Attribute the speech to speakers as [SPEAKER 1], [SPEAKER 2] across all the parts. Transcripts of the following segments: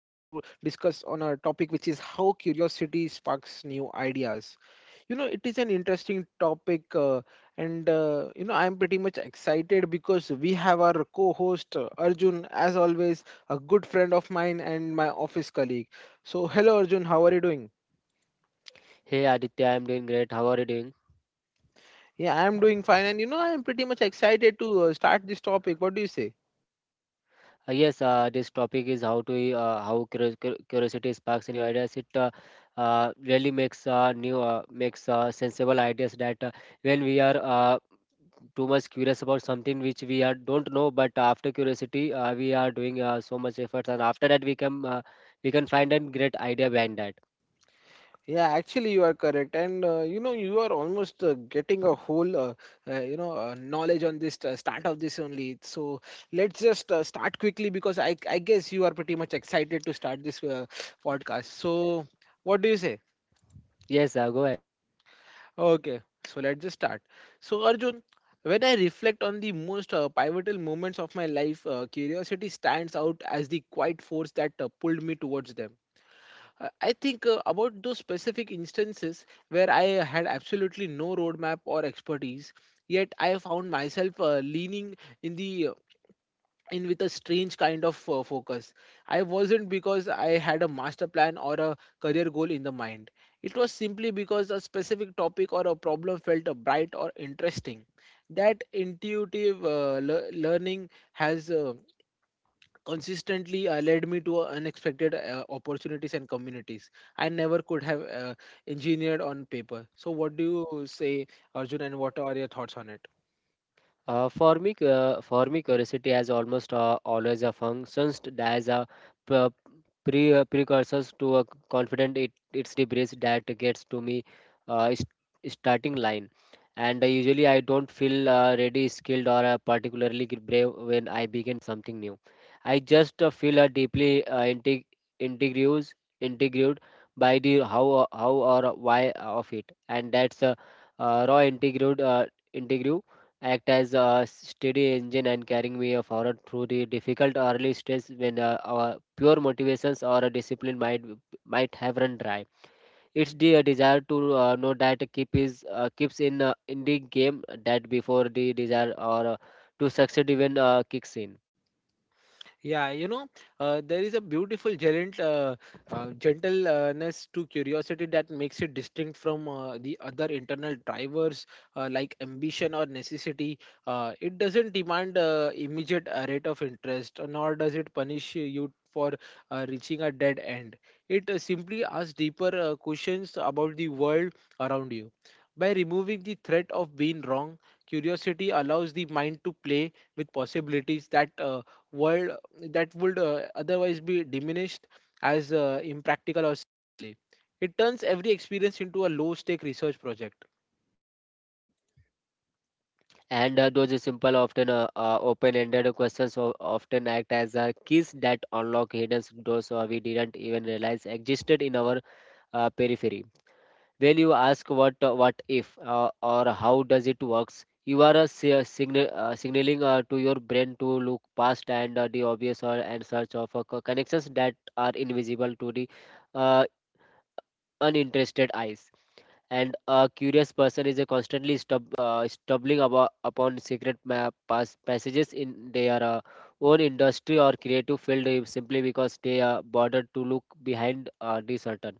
[SPEAKER 1] discuss on a topic which is how curiosity sparks new ideas. It is an interesting topic, and I am pretty much excited because we have our co-host Arjun, as always, a good friend of mine and my office colleague. So, hello Arjun, how are you doing?
[SPEAKER 2] Hey Aditya, I'm doing great. How are you doing?
[SPEAKER 1] Yeah, I am doing fine, and I am pretty much excited to start this topic. What do you say?
[SPEAKER 2] Yes, this topic is how curiosity sparks new ideas. It really makes new makes sensible ideas that when we are too much curious about something which we are don't know, but after curiosity we are doing so much efforts, and after that we can find a great idea behind that.
[SPEAKER 1] Yeah, actually, you are correct, and you are almost getting a whole, knowledge on this start of this only. So let's just start quickly because I guess you are pretty much excited to start this podcast. So what do you say?
[SPEAKER 2] Yes, go ahead.
[SPEAKER 1] Okay, so let's just start. So Arjun, when I reflect on the most pivotal moments of my life, curiosity stands out as the quiet force that pulled me towards them. I think about those specific instances where I had absolutely no roadmap or expertise, yet I found myself leaning in the uh, in with a strange kind of focus. I wasn't because I had a master plan or a career goal in the mind. It was simply because a specific topic or a problem felt bright or interesting. That intuitive learning has consistently led me to unexpected opportunities and communities I never could have engineered on paper. So, what do you say, Arjun, and what are your thoughts on it?
[SPEAKER 2] For me, curiosity has almost always a functions as a pre- precursors to a confident. It's the brace that gets to me, uh, is- starting line, and usually I don't feel ready, skilled, or particularly brave when I begin something new. I just feel deeply integrous, integrated by the how or why of it, and that's raw integrated. Integrity act as a steady engine and carrying me forward through the difficult early stages when our pure motivations or a discipline might have run dry. It's the desire to know that keeps in the game that before the desire or to succeed even kicks in.
[SPEAKER 1] Yeah, you know, there is a beautiful gentleness to curiosity that makes it distinct from the other internal drivers like ambition or necessity. It doesn't demand immediate rate of interest, nor does it punish you for reaching a dead end. It simply asks deeper questions about the world around you. By removing the threat of being wrong, curiosity allows the mind to play with possibilities that world that would otherwise be diminished as impractical or silly. It turns every experience into a low stake research project.
[SPEAKER 2] And Those simple, often open-ended questions often act as keys that unlock hidden doors we didn't even realize existed in our periphery. When you ask what if or how does it works, you are signaling to your brain to look past and the obvious or and search of connections that are invisible to the uh, uninterested eyes. And a curious person is constantly stumbling about, upon secret map passages in their own industry or creative field simply because they are bothered to look behind the curtain.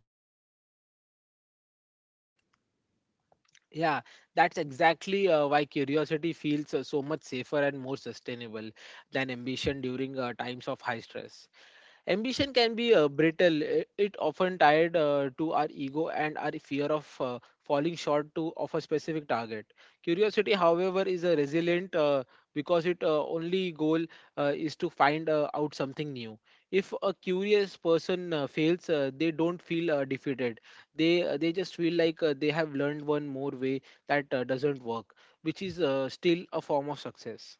[SPEAKER 1] Yeah, that's exactly why curiosity feels so much safer and more sustainable than ambition during times of high stress. Ambition can be brittle. It often tied to our ego and our fear of falling short to of a specific target. Curiosity, however, is a resilient because its only goal is to find out something new. If a curious person fails, they don't feel defeated. They just feel like they have learned one more way that doesn't work, which is still a form of success.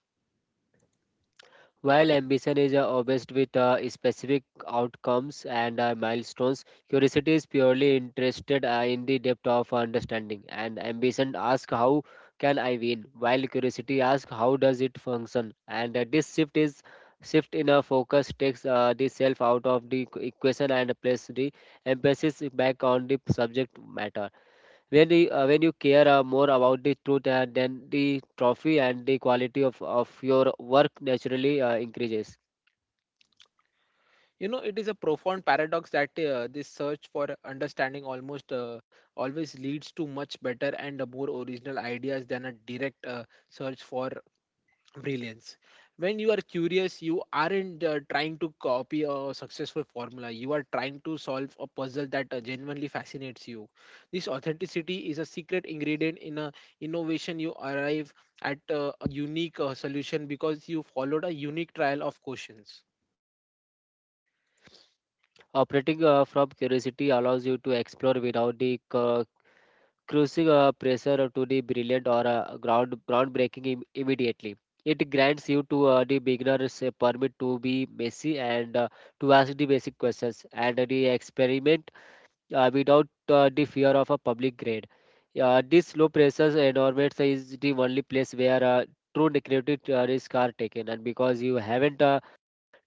[SPEAKER 2] While ambition is obsessed with specific outcomes and milestones, curiosity is purely interested in the depth of understanding. And ambition asks, "How can I win?" While curiosity asks, "How does it function?" And this shift in a focus takes the self out of the equation and place the emphasis back on the subject matter when when you care more about the truth and then the trophy and the quality of your work naturally increases.
[SPEAKER 1] You know, it is a profound paradox that this search for understanding almost always leads to much better and more original ideas than a direct search for brilliance. When you are curious, you aren't trying to copy a successful formula. You are trying to solve a puzzle that genuinely fascinates you. This authenticity is a secret ingredient in a innovation. You arrive at a unique solution because you followed a unique trial of questions.
[SPEAKER 2] Operating from curiosity allows you to explore without the cruising pressure to the brilliant or groundbreaking immediately. It grants you to the beginners a permit to be messy and to ask the basic questions and the experiment without the fear of a public grade. This low pressure environment is the only place where true negative risk are taken, and because you haven't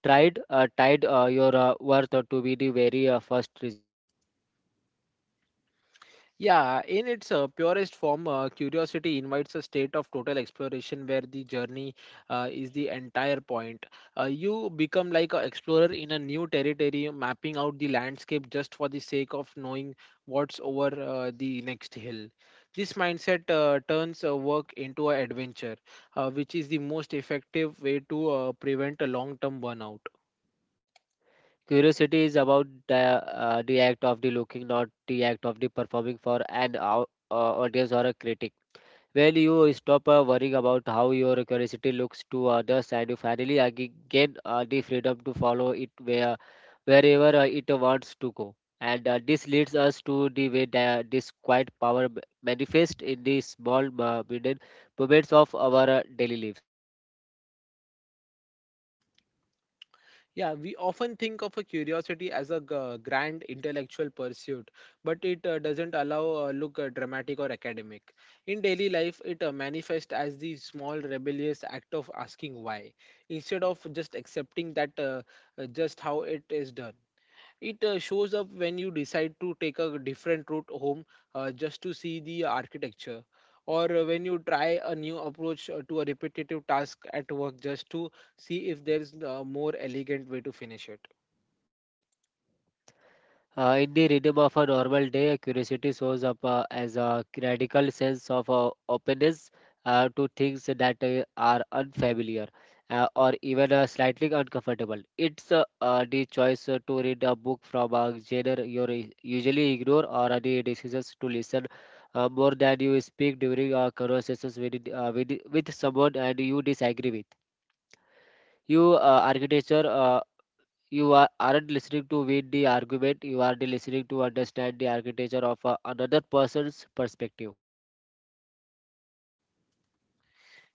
[SPEAKER 2] tried tied your worth to be the very first result.
[SPEAKER 1] Yeah, in its purest form, curiosity invites a state of total exploration where the journey is the entire point. You become like an explorer in a new territory, mapping out the landscape just for the sake of knowing what's over the next hill. This mindset turns work into an adventure, which is the most effective way to prevent a long term burnout.
[SPEAKER 2] Curiosity is about the act of the looking, not the act of the performing for an audience or a critic. When you stop worrying about how your curiosity looks to others and you finally gain the freedom to follow it wherever it wants to go. And this leads us to the way that this quiet power manifests in the small mundane moments of our daily life.
[SPEAKER 1] Yeah, we often think of a curiosity as a grand intellectual pursuit, but it doesn't allow look dramatic or academic. In daily life, it manifests as the small rebellious act of asking why, instead of just accepting that just how it is done. It shows up when you decide to take a different route home just to see the architecture, or when you try a new approach to a repetitive task at work just to see if there's a more elegant way to finish it.
[SPEAKER 2] In the rhythm of a normal day, curiosity shows up as a radical sense of openness to things that are unfamiliar or even slightly uncomfortable. It's the choice to read a book from a genre you usually ignore or the decisions to listen more than you speak during conversations with someone and you disagree with you uh, architecture uh, you are aren't listening to win the argument. You are listening to understand the architecture of another person's perspective.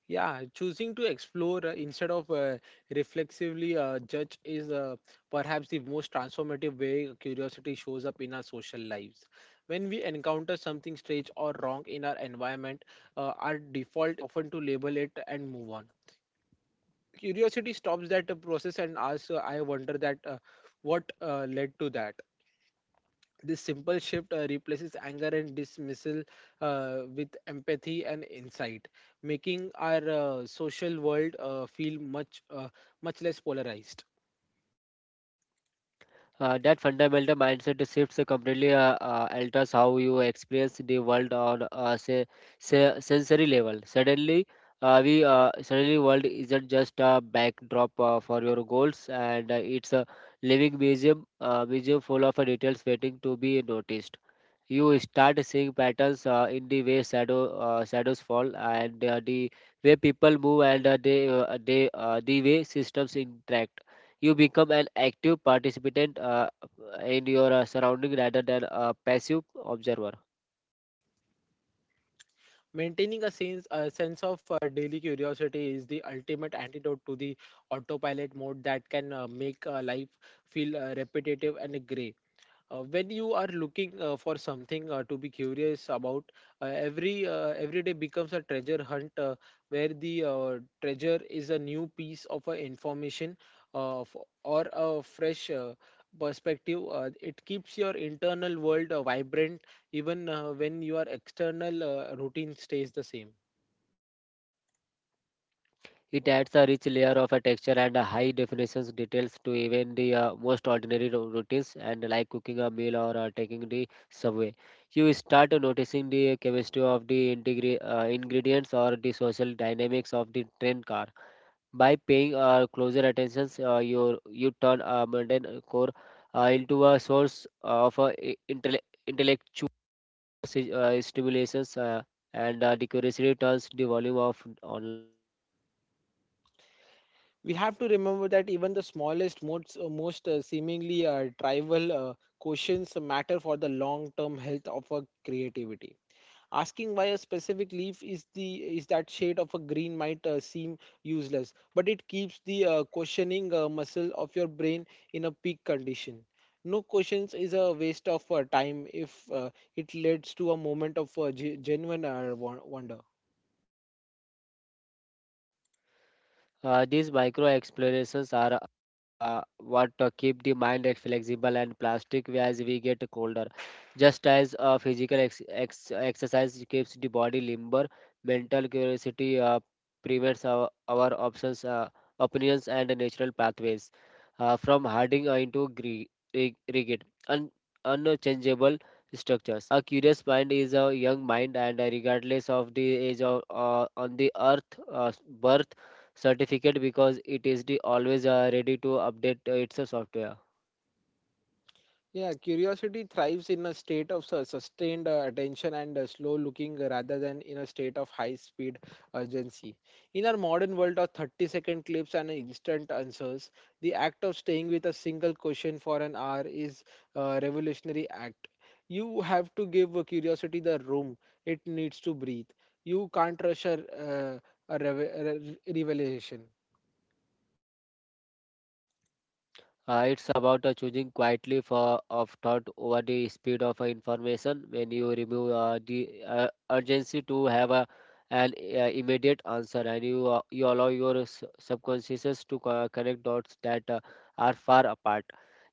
[SPEAKER 1] Yeah, choosing to explore instead of reflexively judge is perhaps the most transformative way curiosity shows up in our social lives. When we encounter something strange or wrong in our environment, our default is often to label it and move on. Curiosity stops that process and asks, I wonder that what led to that. This simple shift replaces anger and dismissal with empathy and insight, making our social world feel much less polarized.
[SPEAKER 2] That fundamental mindset shifts completely alters how you experience the world on a sensory level. Suddenly, we suddenly world isn't just a backdrop for your goals, and it's a living museum full of details waiting to be noticed. You start seeing patterns in the way shadows fall, and the way people move, and the way systems interact. You become an active participant in your surrounding rather than a passive observer.
[SPEAKER 1] Maintaining a sense of daily curiosity is the ultimate antidote to the autopilot mode that can make life feel repetitive and gray. When you are looking for something to be curious about, every day becomes a treasure hunt where the treasure is a new piece of information uh, f- or a fresh perspective. It keeps your internal world vibrant even when your external routine stays the same.
[SPEAKER 2] It adds a rich layer of a texture and a high definition details to even the most ordinary routines and like cooking a meal or taking the subway. You start noticing the chemistry of the ingredients or the social dynamics of the train car. By paying closer attention, you turn a mundane core into a source of intellectual stimulations and the turns the volume of online.
[SPEAKER 1] We have to remember that even the smallest most, most seemingly trivial questions matter for the long term health of our creativity. Asking why a specific leaf is that shade of a green might seem useless, but it keeps the questioning muscle of your brain in a peak condition. No questions is a waste of time if it leads to a moment of genuine wonder.
[SPEAKER 2] These micro explorations are what keep the mind flexible and plastic as we get colder. Just as physical exercise keeps the body limber, mental curiosity prevents our opinions, and natural pathways from hardening into rigid, unchangeable structures. A curious mind is a young mind, and regardless of the age of on the earth, uh, birth certificate because it is the always ready to update its software.
[SPEAKER 1] Yeah, curiosity thrives in a state of sustained attention and slow looking rather than in a state of high speed urgency. In our modern world of 30-second clips and instant answers, the act of staying with a single question for an hour is a revolutionary act. You have to give curiosity the room it needs to breathe. You can't rush a revelation.
[SPEAKER 2] It's about choosing quietly for of thought over the speed of information when you remove the urgency to have an immediate answer, and you allow your subconscious to connect dots that are far apart.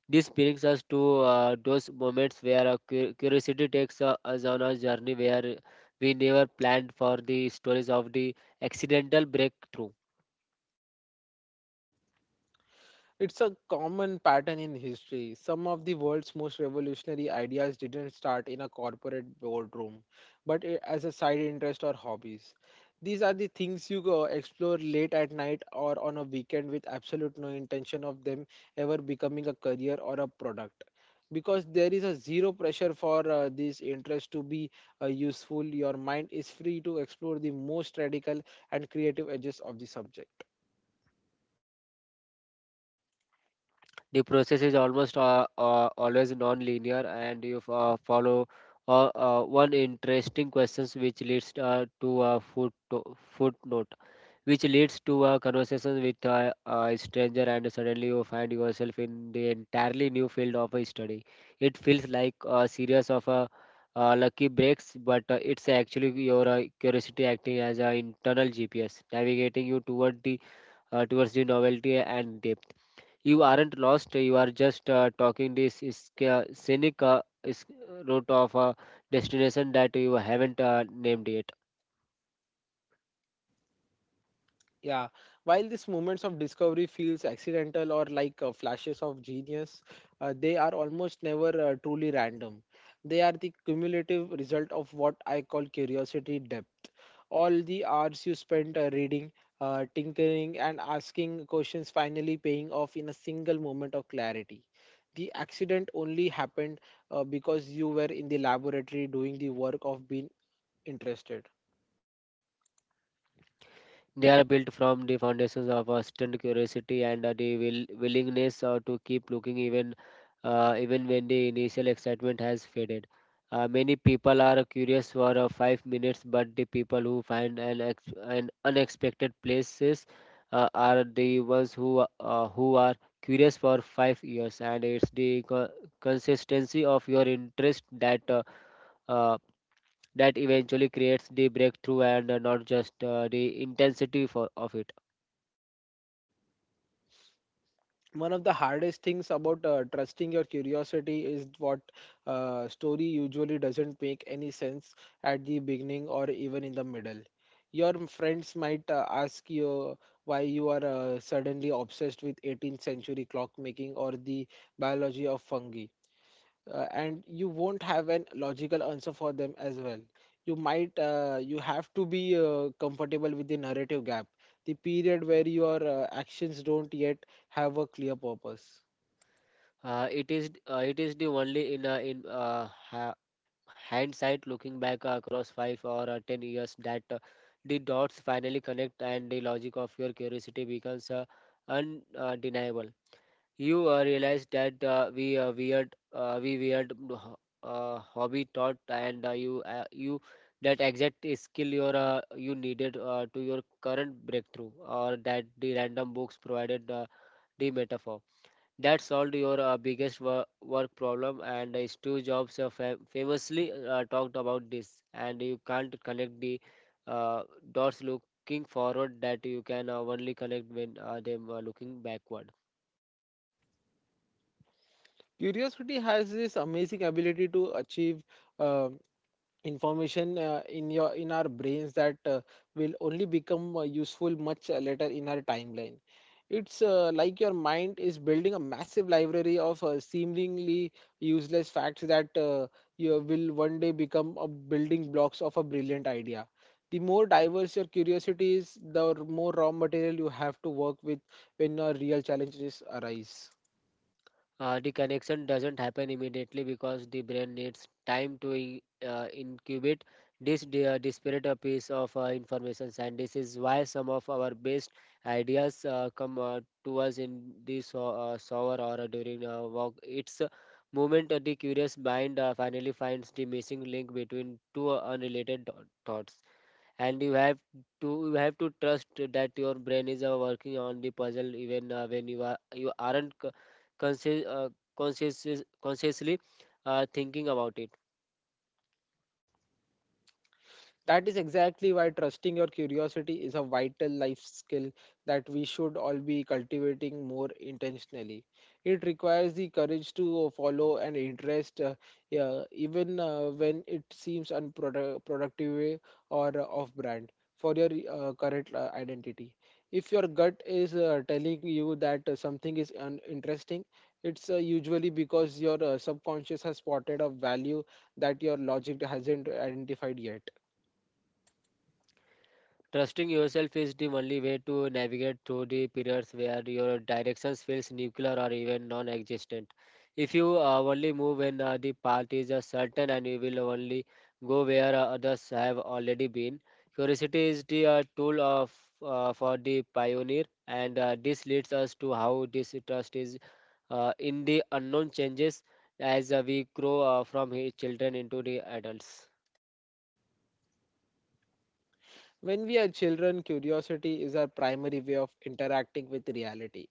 [SPEAKER 2] This brings us to those moments where our curiosity takes us on a journey where we never planned for, the stories of the accidental breakthrough.
[SPEAKER 1] It's a common pattern in history. Some of the world's most revolutionary ideas didn't start in a corporate boardroom, but as a side interest or hobbies. These are the things you go explore late at night or on a weekend with absolute no intention of them ever becoming a career or a product. Because there is a zero pressure for this interest to be useful, your mind is free to explore the most radical and creative edges of the subject.
[SPEAKER 2] The process is almost always non-linear, and you follow one interesting questions which leads to a footnote which leads to a conversation with a stranger, and suddenly you find yourself in the entirely new field of a study. It feels like a series of lucky breaks, but it's actually your curiosity acting as an internal GPS, navigating you towards the novelty and depth. You aren't lost; you are just talking this is scenic is route of a destination that you haven't named yet.
[SPEAKER 1] Yeah, while these moments of discovery feels accidental or like flashes of genius, they are almost never truly random. They are the cumulative result of what I call curiosity depth. All the hours you spent reading, tinkering, and asking questions finally paying off in a single moment of clarity. The accident only happened because you were in the laboratory doing the work of being interested.
[SPEAKER 2] They are built from the foundations of a student curiosity and the willingness to keep looking even even when the initial excitement has faded. Many people are curious for 5 minutes, but the people who find an unexpected places are the ones who are curious for 5 years. And it's the consistency of your interest that uh, that eventually creates the breakthrough and not just the intensity of it.
[SPEAKER 1] One of the hardest things about trusting your curiosity is what story usually doesn't make any sense at the beginning or even in the middle. Your friends might ask you why you are suddenly obsessed with 18th century clockmaking or the biology of fungi, and you won't have an logical answer for them as well. You might you have to be comfortable with the narrative gap, the period where your actions don't yet have a clear purpose.
[SPEAKER 2] It is the only in hindsight, looking back across five or ten years that the dots finally connect and the logic of your curiosity becomes undeniable. You Realize that we weird hobby taught and you that exact skill you needed to your current breakthrough or that the random books provided the metaphor that solved your biggest work problem. And Steve Jobs famously talked about this. And you can't connect the uh, dots looking forward, that you can only connect when them are looking backward.
[SPEAKER 1] Curiosity has this amazing ability to achieve uh, information in our brains that will only become useful much later in our timeline. It's like your mind is building a massive library of seemingly useless facts that you will one day become a building blocks of a brilliant idea. The more diverse your curiosity is, the more raw material you have to work with when your real challenges arise.
[SPEAKER 2] The connection doesn't happen immediately because the brain needs time to incubate this disparate piece of information, and this is why some of our best ideas come to us in this shower or during a walk. It's a moment the curious mind finally finds the missing link between two unrelated thoughts, and you have to trust that your brain is working on the puzzle even when you aren't conscious, uh, conscious, consciously thinking about it.
[SPEAKER 1] That is exactly why trusting your curiosity is a vital life skill that we should all be cultivating more intentionally. It requires the courage to follow an interest, yeah, even when it seems unproductive or off brand for your current identity. If your gut is telling you that something is uninteresting, it's usually because your subconscious has spotted a value that your logic hasn't identified yet.
[SPEAKER 2] Trusting yourself is the only way to navigate through the periods where your directions feels nuclear or even non-existent. If you only move when the path is certain and you will only go where others have already been, curiosity is the tool of for the pioneer, and this leads us to how this trust is in the unknown changes as we grow from children into the adults.
[SPEAKER 1] When we are children, curiosity is our primary way of interacting with reality.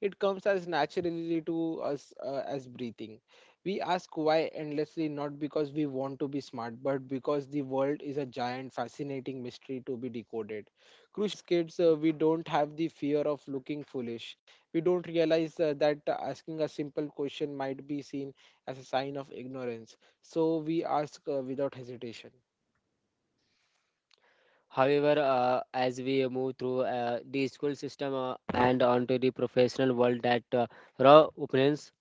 [SPEAKER 1] It comes as naturally to us as breathing. We ask why endlessly, not because we want to be smart, but because the world is a giant, fascinating mystery to be decoded. Crucially, as kids, we don't have the fear of looking foolish. We don't realize that asking a simple question might be seen as a sign of ignorance. So we ask without hesitation.
[SPEAKER 2] However, as we move through the school system and onto the professional world, that raw opinions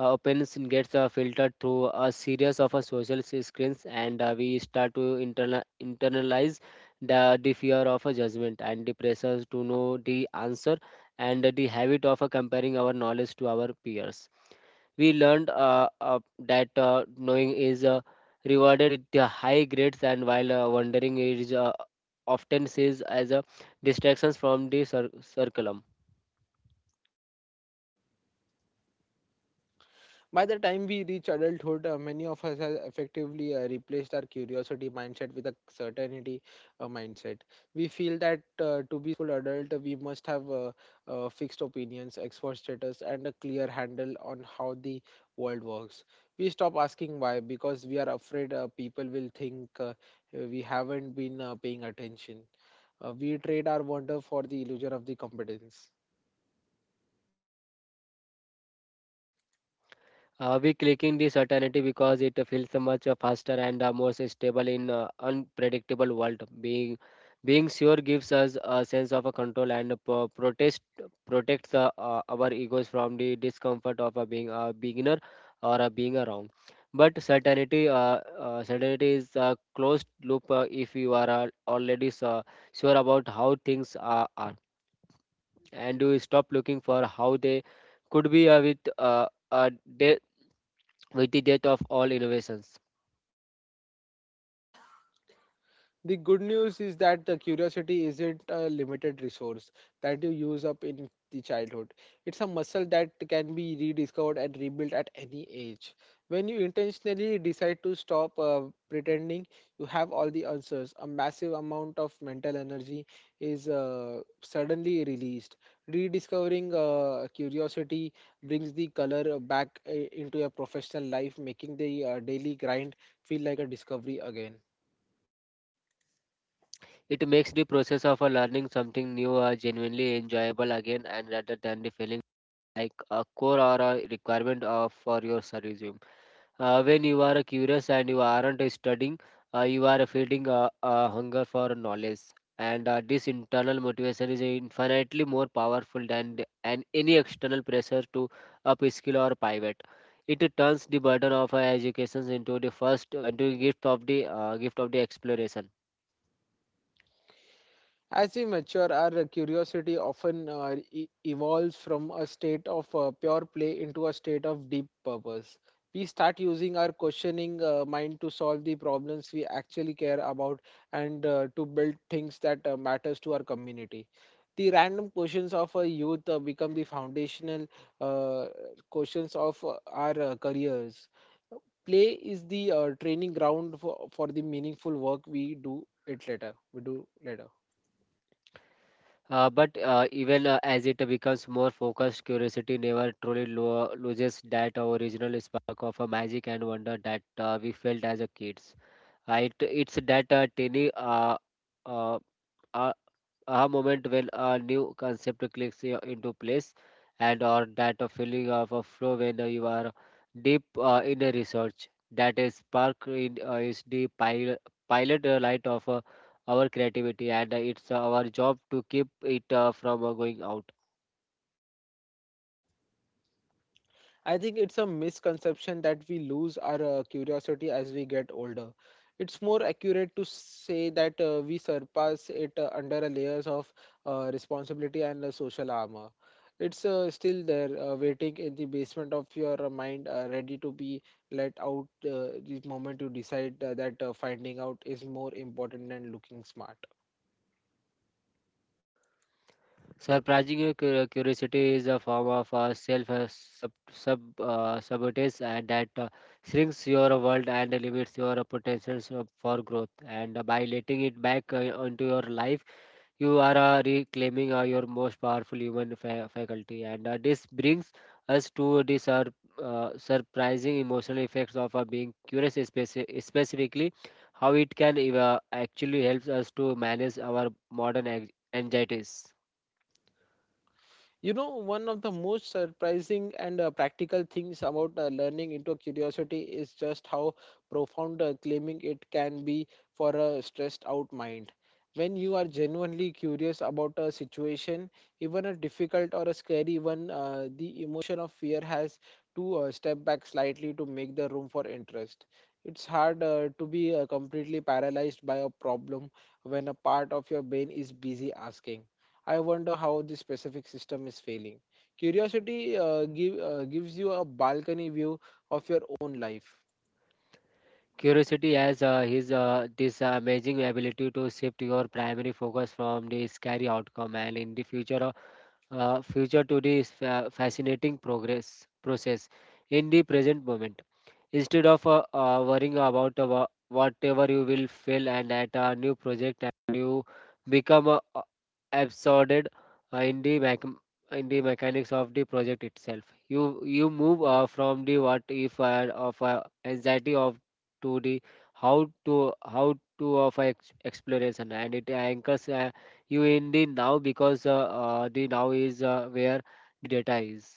[SPEAKER 2] opinions gets filtered through a series of social screens and we start to internalize the fear of a judgment and the pressures to know the answer and the habit of comparing our knowledge to our peers. We learned that knowing is rewarded with the high grades, and while wondering is often sees as a distractions from the circulum.
[SPEAKER 1] By the time we reach adulthood, many of us have effectively replaced our curiosity mindset with a certainty mindset. We feel that to be full adult, we must have fixed opinions, expert status, and a clear handle on how the world works. We stop asking why because we are afraid people will think we haven't been paying attention. We trade our wonder for the illusion of the competence.
[SPEAKER 2] We clicking this certainty because it feels so much faster and more stable in unpredictable world. Being sure gives us a sense of a control and pro- protest protects our egos from the discomfort of being a beginner or being wrong. But certainty is a closed loop. If you are already sure about how things are, and you stop looking for how they could be with the death of all innovations.
[SPEAKER 1] The good news is that the curiosity isn't a limited resource that you use up in the childhood. It's a muscle that can be rediscovered and rebuilt at any age. When you intentionally decide to stop pretending you have all the answers, a massive amount of mental energy is suddenly released. Rediscovering curiosity brings the color back into your professional life, making the daily grind feel like a discovery again.
[SPEAKER 2] It makes the process of learning something new genuinely enjoyable again, and rather than the feeling like a core or a requirement of for your service. When you are curious and you aren't studying, you are feeding a hunger for knowledge. And this internal motivation is infinitely more powerful than the, and any external pressure to upskill or pivot. It turns the burden of our education into the gift of the exploration.
[SPEAKER 1] As we mature, our curiosity often evolves from a state of pure play into a state of deep purpose. We start using our questioning mind to solve the problems we actually care about and to build things that matters to our community. The random questions of a youth become the foundational uh, questions of our careers. Play is the training ground for the meaningful work we do it later. We do later.
[SPEAKER 2] But even as it becomes more focused, curiosity never truly loses that original spark of a magic and wonder that we felt as a kids. It, it's that tiny uh, uh, a moment when a new concept clicks into place, and or that a feeling of a flow when you are deep in a research that is spark in is the pilot, pilot light of our creativity, and it's our job to keep it from going out.
[SPEAKER 1] I think it's a misconception that we lose our curiosity as we get older. It's more accurate to say that we surpass it under a layers of responsibility and social armor. It's still there, waiting in the basement of your mind, ready to be let out the moment you decide that finding out is more important than looking smart.
[SPEAKER 2] Surprising your curiosity is a form of self sub, sub sabotage, and that shrinks your world and limits your potentials for growth. And by letting it back onto your life, you are reclaiming your most powerful human faculty. And this brings us to the surprising emotional effects of being curious, specifically how it can actually helps us to manage our modern anxieties.
[SPEAKER 1] You know, one of the most surprising and practical things about learning into curiosity is just how profound claiming it can be for a stressed out mind. When you are genuinely curious about a situation, even a difficult or a scary one, the emotion of fear has to step back slightly to make the room for interest. It's hard to be completely paralyzed by a problem when a part of your brain is busy asking. I wonder how the specific system is failing. Curiosity gives you a balcony view of your own life.
[SPEAKER 2] Curiosity has his this amazing ability to shift your primary focus from the scary outcome and in the future to this fascinating progress process in the present moment, instead of worrying about whatever you will fail and at a new project, and you become absorbed in the in the mechanics of the project itself. You move from the what if of anxiety of to the how to of exploration, and it anchors you in the now because the now is where the data is.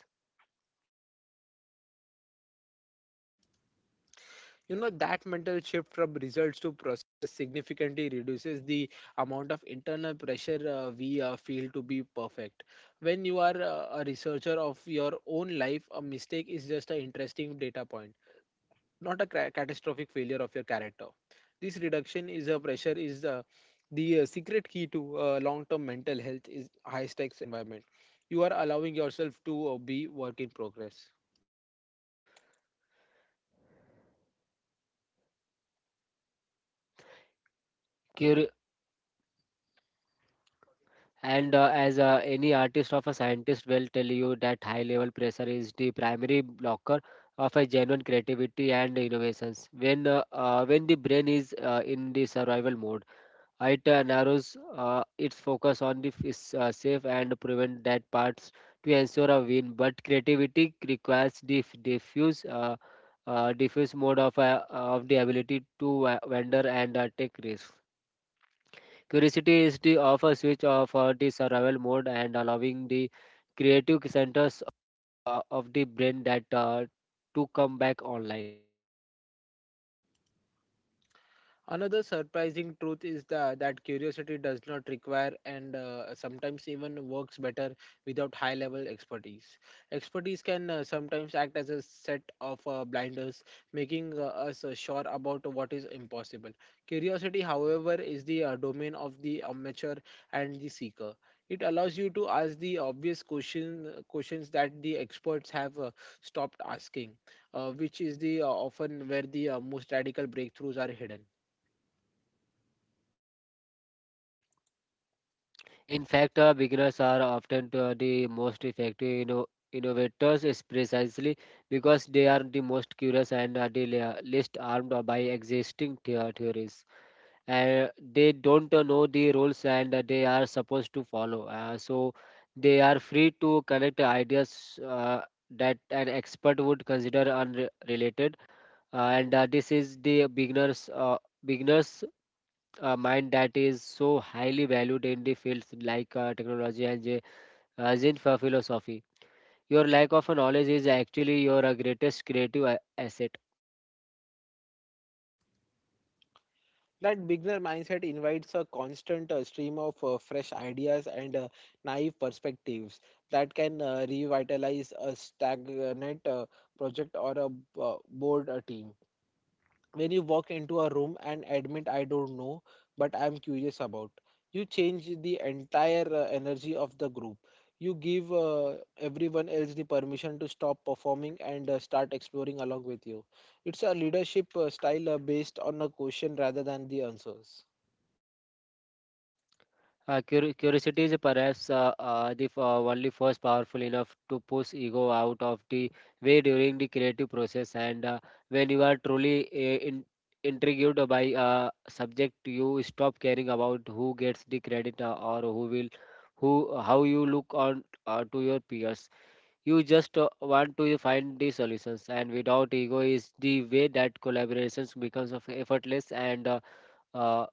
[SPEAKER 1] You know, that mental shift from results to process significantly reduces the amount of internal pressure we feel to be perfect. When you are a researcher of your own life, a mistake is just an interesting data point, not a catastrophic failure of your character. This reduction is a pressure is the secret key to long-term mental health is high-stakes environment. You are allowing yourself to be work in progress.
[SPEAKER 2] Curi- and As any artist or a scientist will tell you, that high level pressure is the primary blocker of a genuine creativity and innovations. When when the brain is in the survival mode, it narrows its focus on the is, safe and prevent that parts to ensure a win. But creativity requires the diffuse mode of the ability to wander and take risks. Curiosity is the off a switch of the survival mode, and allowing the creative centers of the brain that to come back online.
[SPEAKER 1] Another surprising truth is that curiosity does not require and sometimes even works better without high level expertise. Expertise can sometimes act as a set of blinders, making us sure about what is impossible. Curiosity, however, is the domain of the amateur and the seeker. It allows you to ask the questions that the experts have stopped asking, which is the often where the most radical breakthroughs are hidden.
[SPEAKER 2] In fact, beginners are often the most effective innovators, is precisely because they are the most curious and are the least armed by existing theories. And they don't know the rules and they are supposed to follow. So they are free to connect ideas that an expert would consider unrelated. And this is the beginners mind that is so highly valued in the fields like technology and Zen for philosophy. Your lack of knowledge is actually your greatest creative asset.
[SPEAKER 1] That beginner mindset invites a constant stream of fresh ideas and naive perspectives that can revitalize a stagnant project or a board a team. When you walk into a room and admit I don't know but I'm curious about, you change the entire energy of the group. You give everyone else the permission to stop performing and start exploring along with you. It's a leadership style based on a question rather than the answers.
[SPEAKER 2] Curiosity is perhaps only force powerful enough to push ego out of the way during the creative process. And when you are truly in- intrigued by a subject, you stop caring about who gets the credit or who will, who how you look on to your peers. You just want to find the solutions, and without ego is the way that collaborations becomes of effortless and uh,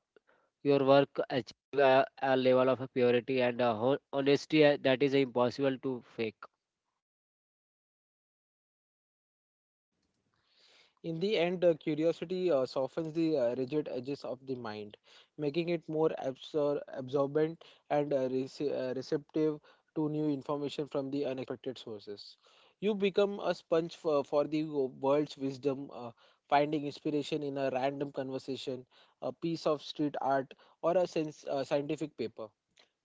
[SPEAKER 2] your work achieve a level of purity and honesty that is impossible to fake.
[SPEAKER 1] In the end, curiosity softens the rigid edges of the mind, making it more absorbent and receptive to new information from the unexpected sources. You become a sponge for the world's wisdom, finding inspiration in a random conversation, a piece of street art, or a scientific paper.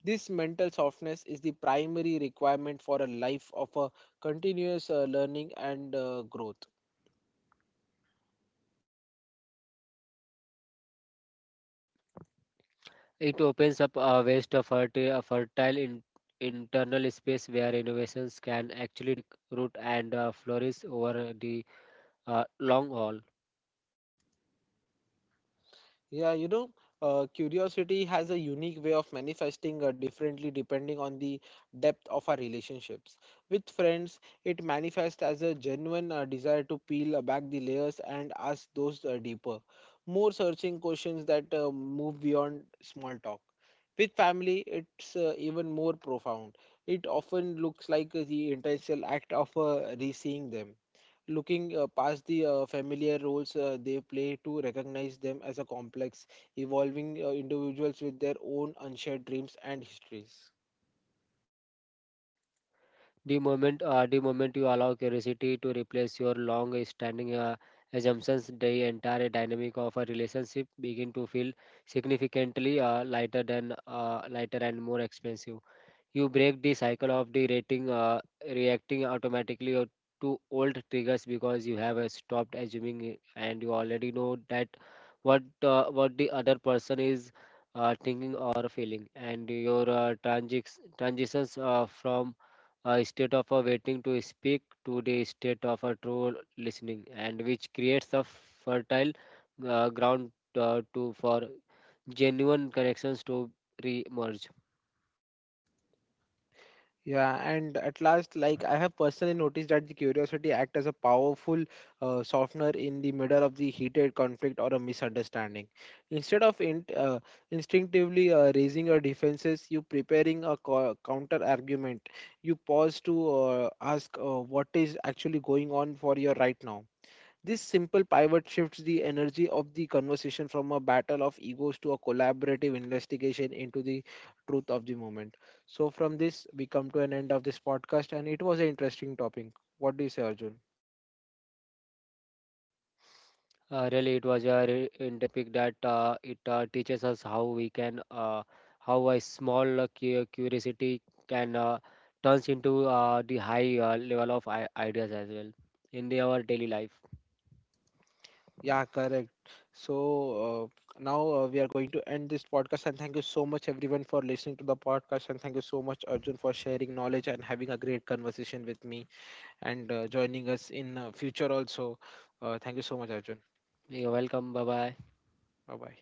[SPEAKER 1] This mental softness is the primary requirement for a life of a continuous learning and growth.
[SPEAKER 2] It opens up a waste of fertile internal space where innovations can actually root and flourish over the long haul.
[SPEAKER 1] Yeah, you know, curiosity has a unique way of manifesting differently depending on the depth of our relationships. With friends, it manifests as a genuine desire to peel back the layers and ask those deeper, more searching questions that move beyond small talk. With family, it's even more profound. It often looks like the intentional act of re-seeing them, looking past the familiar roles they play to recognize them as a complex, evolving individuals with their own unshared dreams and histories.
[SPEAKER 2] The moment you allow curiosity to replace your long-standing assumptions, the entire dynamic of a relationship begin to feel significantly lighter and more expensive. You break the cycle of the reacting automatically to old triggers, because you have stopped assuming it and you already know that what the other person is thinking or feeling, and your transitions from a state of a waiting to speak to the state of a true listening, and which creates a fertile ground to for genuine connections to re-emerge.
[SPEAKER 1] Yeah, and at last, like I have personally noticed that the curiosity act as a powerful softener in the middle of the heated conflict or a misunderstanding. Instead of instinctively raising your defenses, you preparing a counter argument. You pause to ask what is actually going on for you right now. This simple pivot shifts the energy of the conversation from a battle of egos to a collaborative investigation into the truth of the moment. So, from this, we come to an end of this podcast, and it was an interesting topic. What do you say, Arjun?
[SPEAKER 2] Really, it was a re- in topic that it teaches us how we can how a small curiosity can turns into the high level of ideas as well in our daily life.
[SPEAKER 1] Yeah, correct. So, now we are going to end this podcast, and thank you so much, everyone, for listening to the podcast. And thank you so much, Arjun, for sharing knowledge and having a great conversation with me and joining us in future also. Thank you so much, Arjun.
[SPEAKER 2] You're welcome. Bye bye.
[SPEAKER 1] Bye bye.